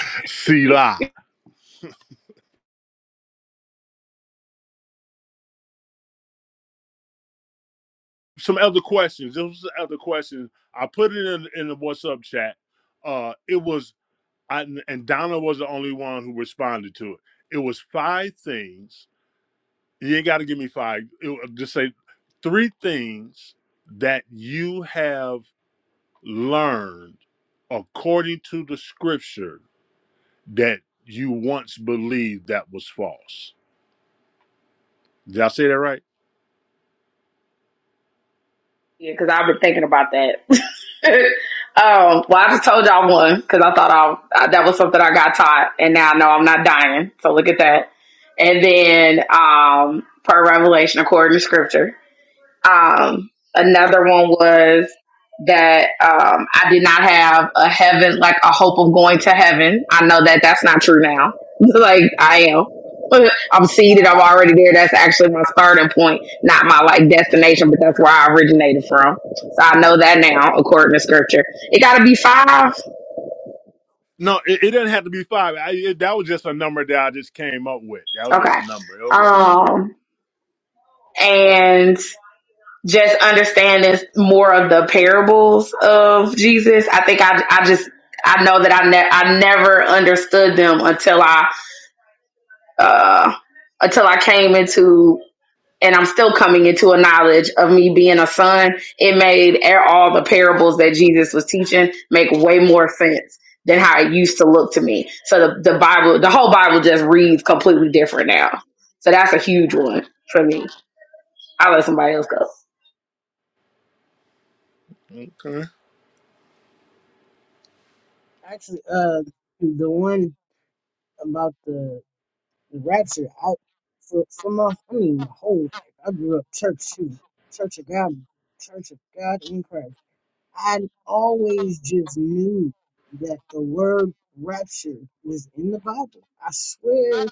[SPEAKER 2] Selah. some other questions. Those was other questions. I put it in in the what's up chat. Uh, it was I and Donna was the only one who responded to it. It was five things. You ain't got to give me five. It, just say three things that you have learned according to the scripture that you once believed that was false. Did I say that right?
[SPEAKER 3] Yeah, because I've been thinking about that. um, well, I just told y'all one because I thought I, I that was something I got taught, and now I know I'm not dying. So look at that. And then, um, per revelation, according to Scripture, Um, another one was that um, I did not have a heaven, like a hope of going to heaven. I know that that's not true now. like I am. I'm seated. I'm already there. That's actually my starting point, not my like destination, but that's where I originated from. So I know that now, according to scripture. It got to be five.
[SPEAKER 2] No, it, it didn't have to be five. I, it, that was just a number that I just came up with. That was just
[SPEAKER 3] Okay.
[SPEAKER 2] a number. It was just a number.
[SPEAKER 3] Um, and just understanding more of the parables of Jesus. I think I I just I know that I ne- I never understood them until I uh until I came into and I'm still coming into a knowledge of me being a son. It made a- all the parables that Jesus was teaching make way more sense than how it used to look to me. So the, the Bible, the whole Bible just reads completely different now. So that's a huge one for me. I'll let somebody else go.
[SPEAKER 2] Okay.
[SPEAKER 4] Actually, uh, the one about the the rapture, I for for my I mean my whole life, I grew up church too, Church of God, Church of God in Christ. I always just knew that the word rapture was in the Bible. I swear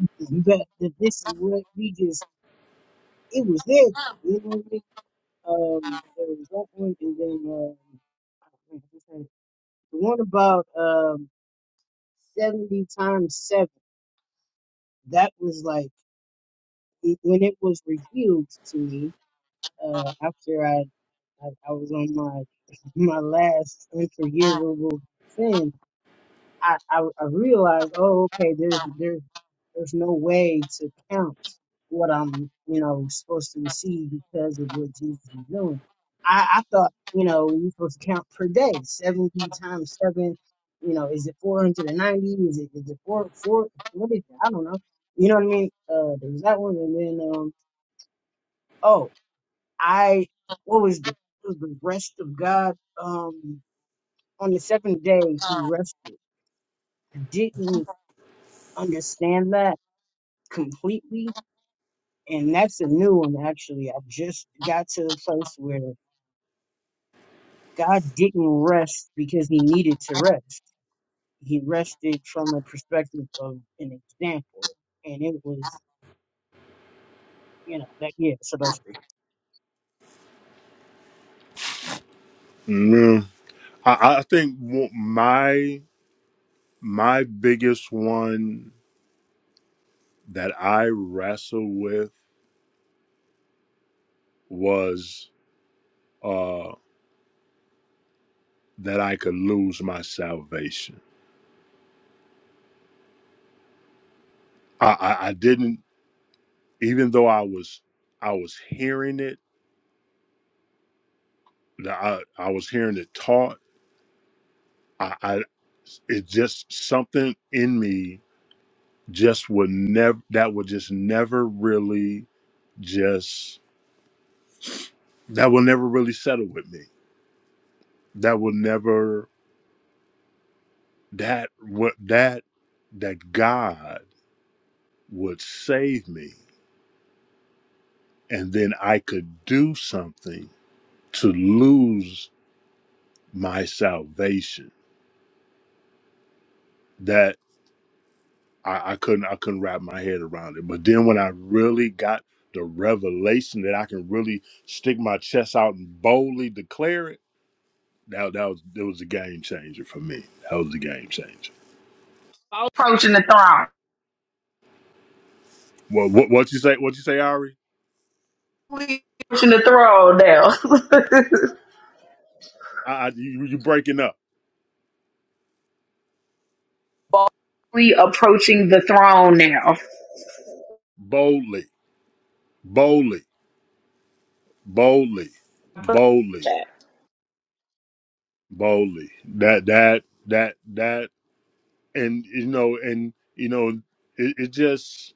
[SPEAKER 4] Mm-hmm. But th- this is what we just, it was there. You know what I mean? Um, there was that one, and then um, I forget this one. the one about um, 70 times 7. That was like, it- when it was revealed to me uh, after I, I, I was on my my last unforgivable sin I, I, I realized, oh, okay, there's there's there's no way to count what I'm, you know, supposed to receive because of what Jesus is doing. I, I thought, you know, you're supposed to count per day, seventy times seven. You know, is it four hundred and ninety? Is it is it four four? What is it? I don't know. You know what I mean? Uh, there was that one, and then um, oh, I what was the what was the rest of God? Um, on the seventh day he rested. I didn't understand that completely. And that's a new one, actually. i just got to the place where God didn't rest because he needed to rest. He rested from the perspective of an example. And it was, you know, that, yeah, so those three.
[SPEAKER 2] Yeah. I, I think w- my my biggest one that I wrestle with was uh, that I could lose my salvation. I, I, I didn't, even though I was I was hearing it, the- I, I was hearing it taught. I, I it just something in me just would never that would just never really just that will never really settle with me. That will never. that what that that God would save me and then I could do something to lose my salvation that I, I couldn't I couldn't wrap my head around it. But then when I really got the revelation that I can really stick my chest out and boldly declare it, that that was that was a game changer for me. That was a game changer.
[SPEAKER 3] Approaching the throne.
[SPEAKER 2] Well, what what you say? What you say, Ari?
[SPEAKER 3] approaching the throne now.
[SPEAKER 2] I, I you you breaking up
[SPEAKER 3] we approaching the throne now.
[SPEAKER 2] boldly, boldly. boldly, boldly, boldly. That that that that, and you know, and you know, it, it just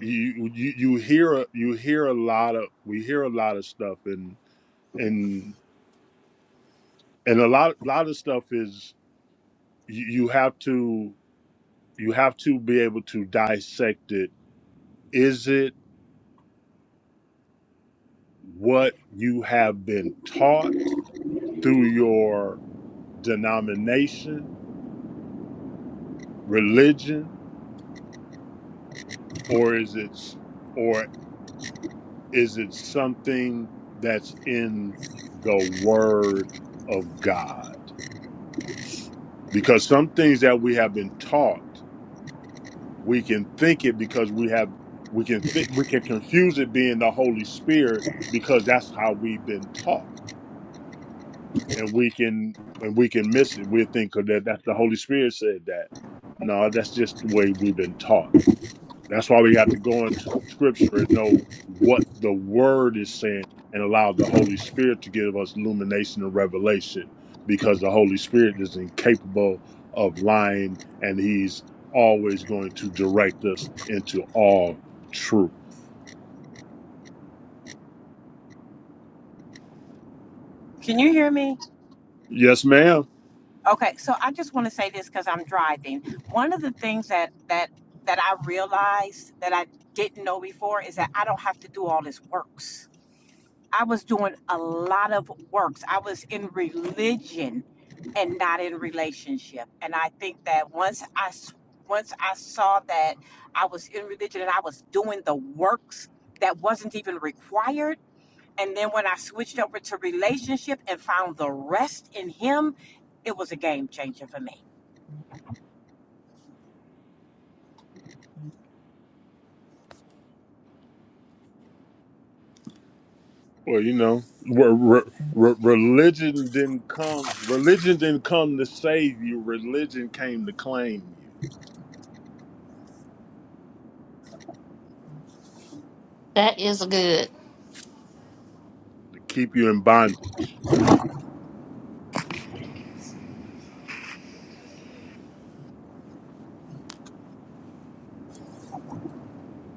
[SPEAKER 2] you you you hear a- you hear a lot of we hear a lot of stuff, and and and a lot lot of stuff is you, you have to you have to be able to dissect it. Is it what you have been taught through your denomination, religion, or is it? Is it something that's in the Word of God? Because some things that we have been taught, we can think it because we have we can think we can confuse it being the Holy Spirit because that's how we've been taught, and we can and we can miss it. We think that that's the Holy Spirit said that. No, that's just the way we've been taught. That's why we have to go into scripture and know what the word is saying and allow the Holy Spirit to give us illumination and revelation because the Holy Spirit is incapable of lying and he's always going to direct us into all truth.
[SPEAKER 1] Can you hear me?
[SPEAKER 2] Yes, ma'am.
[SPEAKER 1] Okay, so I just want to say this because I'm driving. One of the things that that that I realized that I didn't know before is that I don't have to do all this works. I was doing a lot of works. I was in religion and not in relationship. And I think that once I s- once I saw that I was in religion and I was doing the works that wasn't even required, and then when I switched over to relationship and found the rest in him, it was a game changer for me.
[SPEAKER 2] Well, you know, re- re- re- religion didn't come. Religion didn't come to save you. Religion came to claim you,
[SPEAKER 6] That is good.
[SPEAKER 2] to keep you in bondage.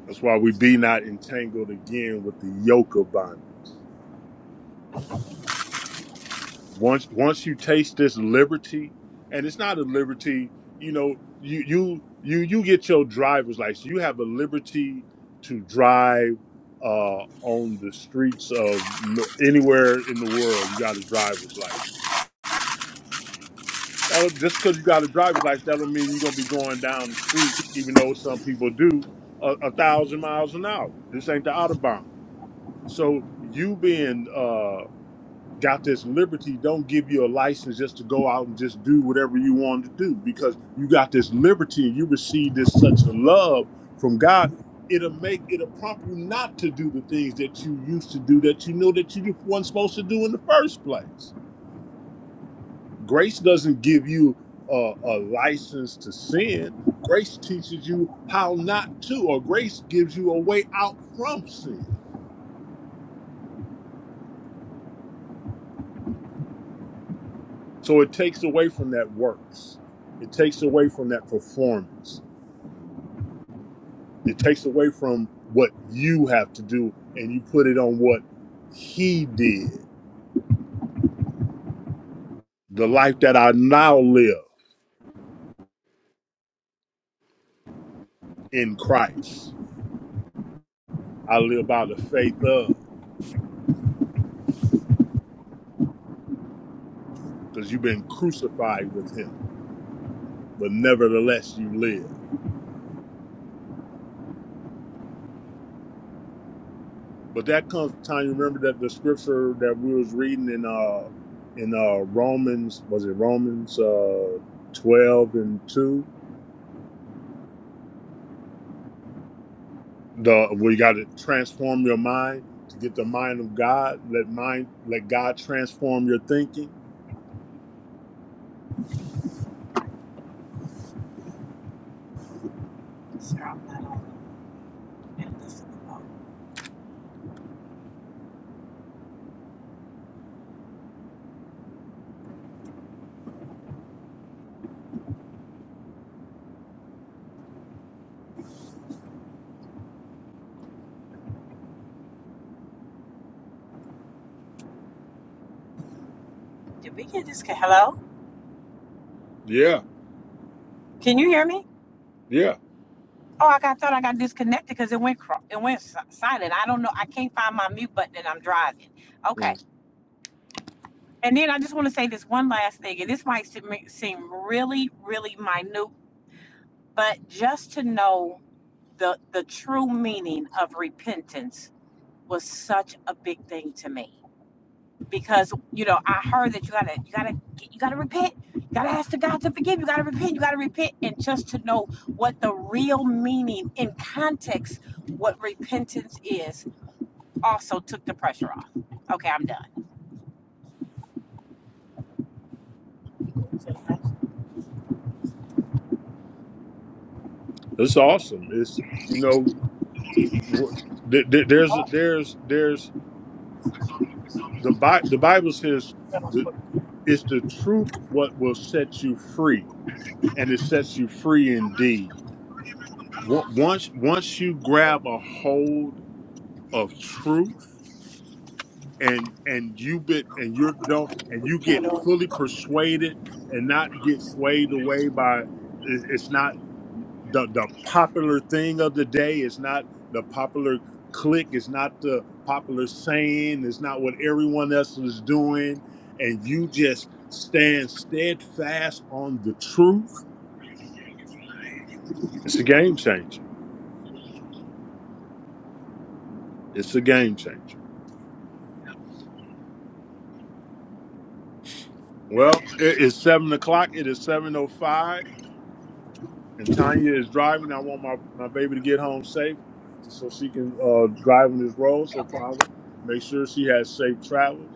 [SPEAKER 2] That's why we be not entangled again with the yoke of bondage. Once once you taste this liberty, and it's not a liberty, you know, you you you you get your driver's license. You have a liberty to drive uh on the streets of m- anywhere in the world. You got a driver's license. That'll, just because you got a driver's license, that don't mean you're gonna be going down the street, even though some people do a, a thousand miles an hour. This ain't the autobahn. So you being uh got this liberty don't give you a license just to go out and just do whatever you want to do because you got this liberty and you receive this such a love from God it'll make it'll prompt you not to do the things that you used to do that you know that you weren't supposed to do in the first place grace doesn't give you a, a license to sin grace teaches you how not to or grace gives you a way out from sin so it takes away from that works it takes away from that performance It takes away from what you have to do and you put it on what he did. The life that I now live in Christ, I live by the faith of, because you've been crucified with him, but nevertheless you live. But that comes to time. You remember that the scripture that we was reading in uh in uh Romans was it Romans uh twelve and two the where you got to transform your mind to get the mind of God. Let mind let God transform your thinking.
[SPEAKER 1] Sir, I'm not on. Did we get disconnected? Hello?
[SPEAKER 2] Yeah,
[SPEAKER 1] Can you hear me?
[SPEAKER 2] yeah,
[SPEAKER 1] Oh, I got thought I got disconnected because it went cro- it went si- silent. I don't know. I can't find my mute button and I'm driving. Okay.
[SPEAKER 2] Mm.
[SPEAKER 1] And then I just want to say this one last thing, and this might seem seem really, really minute, but just to know the the true meaning of repentance was such a big thing to me. because you know I heard that you gotta you gotta you gotta repent, you gotta ask the God to forgive, you gotta repent, you gotta repent, and just to know what the real meaning in context what repentance is also took the pressure off. Okay, I'm done.
[SPEAKER 2] it's awesome. It's you know wh- there- there- there's there's there's the Bi- the Bible says the it's the truth what will set you free, and it sets you free indeed. Wa- Once once you grab a hold of truth and and you bit and you don't and you get fully persuaded and not get swayed away by it- it's not the the popular thing of the day it's not the popular click it's not the popular saying it's not what everyone else is doing and you just stand steadfast on the truth it's a game changer it's a game changer well it is seven o'clock it is 7.05 and Tanya is driving. I want my, my baby to get home safe so she can uh, drive on this road. So, Father, make sure she has safe travels.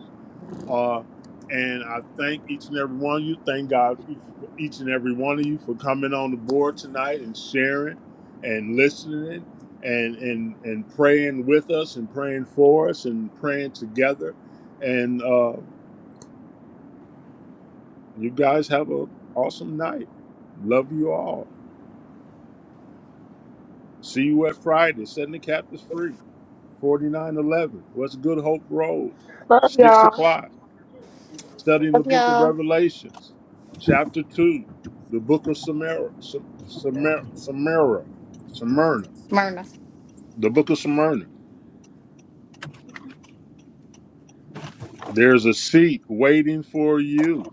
[SPEAKER 2] Uh, and I thank each and every one of you. Thank God each, for each and every one of you for coming on the board tonight and sharing and listening and, and, and praying with us and praying for us and praying together. And uh, you guys have a awesome night. Love you all. See you at Friday. Setting the captives free. 4911 West Good Hope Road,
[SPEAKER 3] Love
[SPEAKER 2] 6
[SPEAKER 3] y'all.
[SPEAKER 2] o'clock, studying
[SPEAKER 6] Love
[SPEAKER 2] the book of
[SPEAKER 6] y'all.
[SPEAKER 2] Revelations, chapter 2, the book of Samara, Sa- Samara, Samara, Smyrna,
[SPEAKER 6] Myrna.
[SPEAKER 2] the book of Smyrna. There's a seat waiting for you.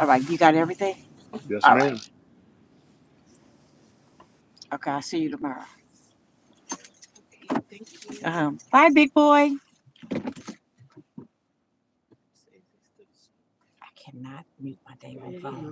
[SPEAKER 1] All right, you got everything.
[SPEAKER 2] Yes,
[SPEAKER 1] All right.
[SPEAKER 2] ma'am.
[SPEAKER 1] Okay, I'll see you tomorrow. Um, bye, big boy. I cannot mute my dang phone.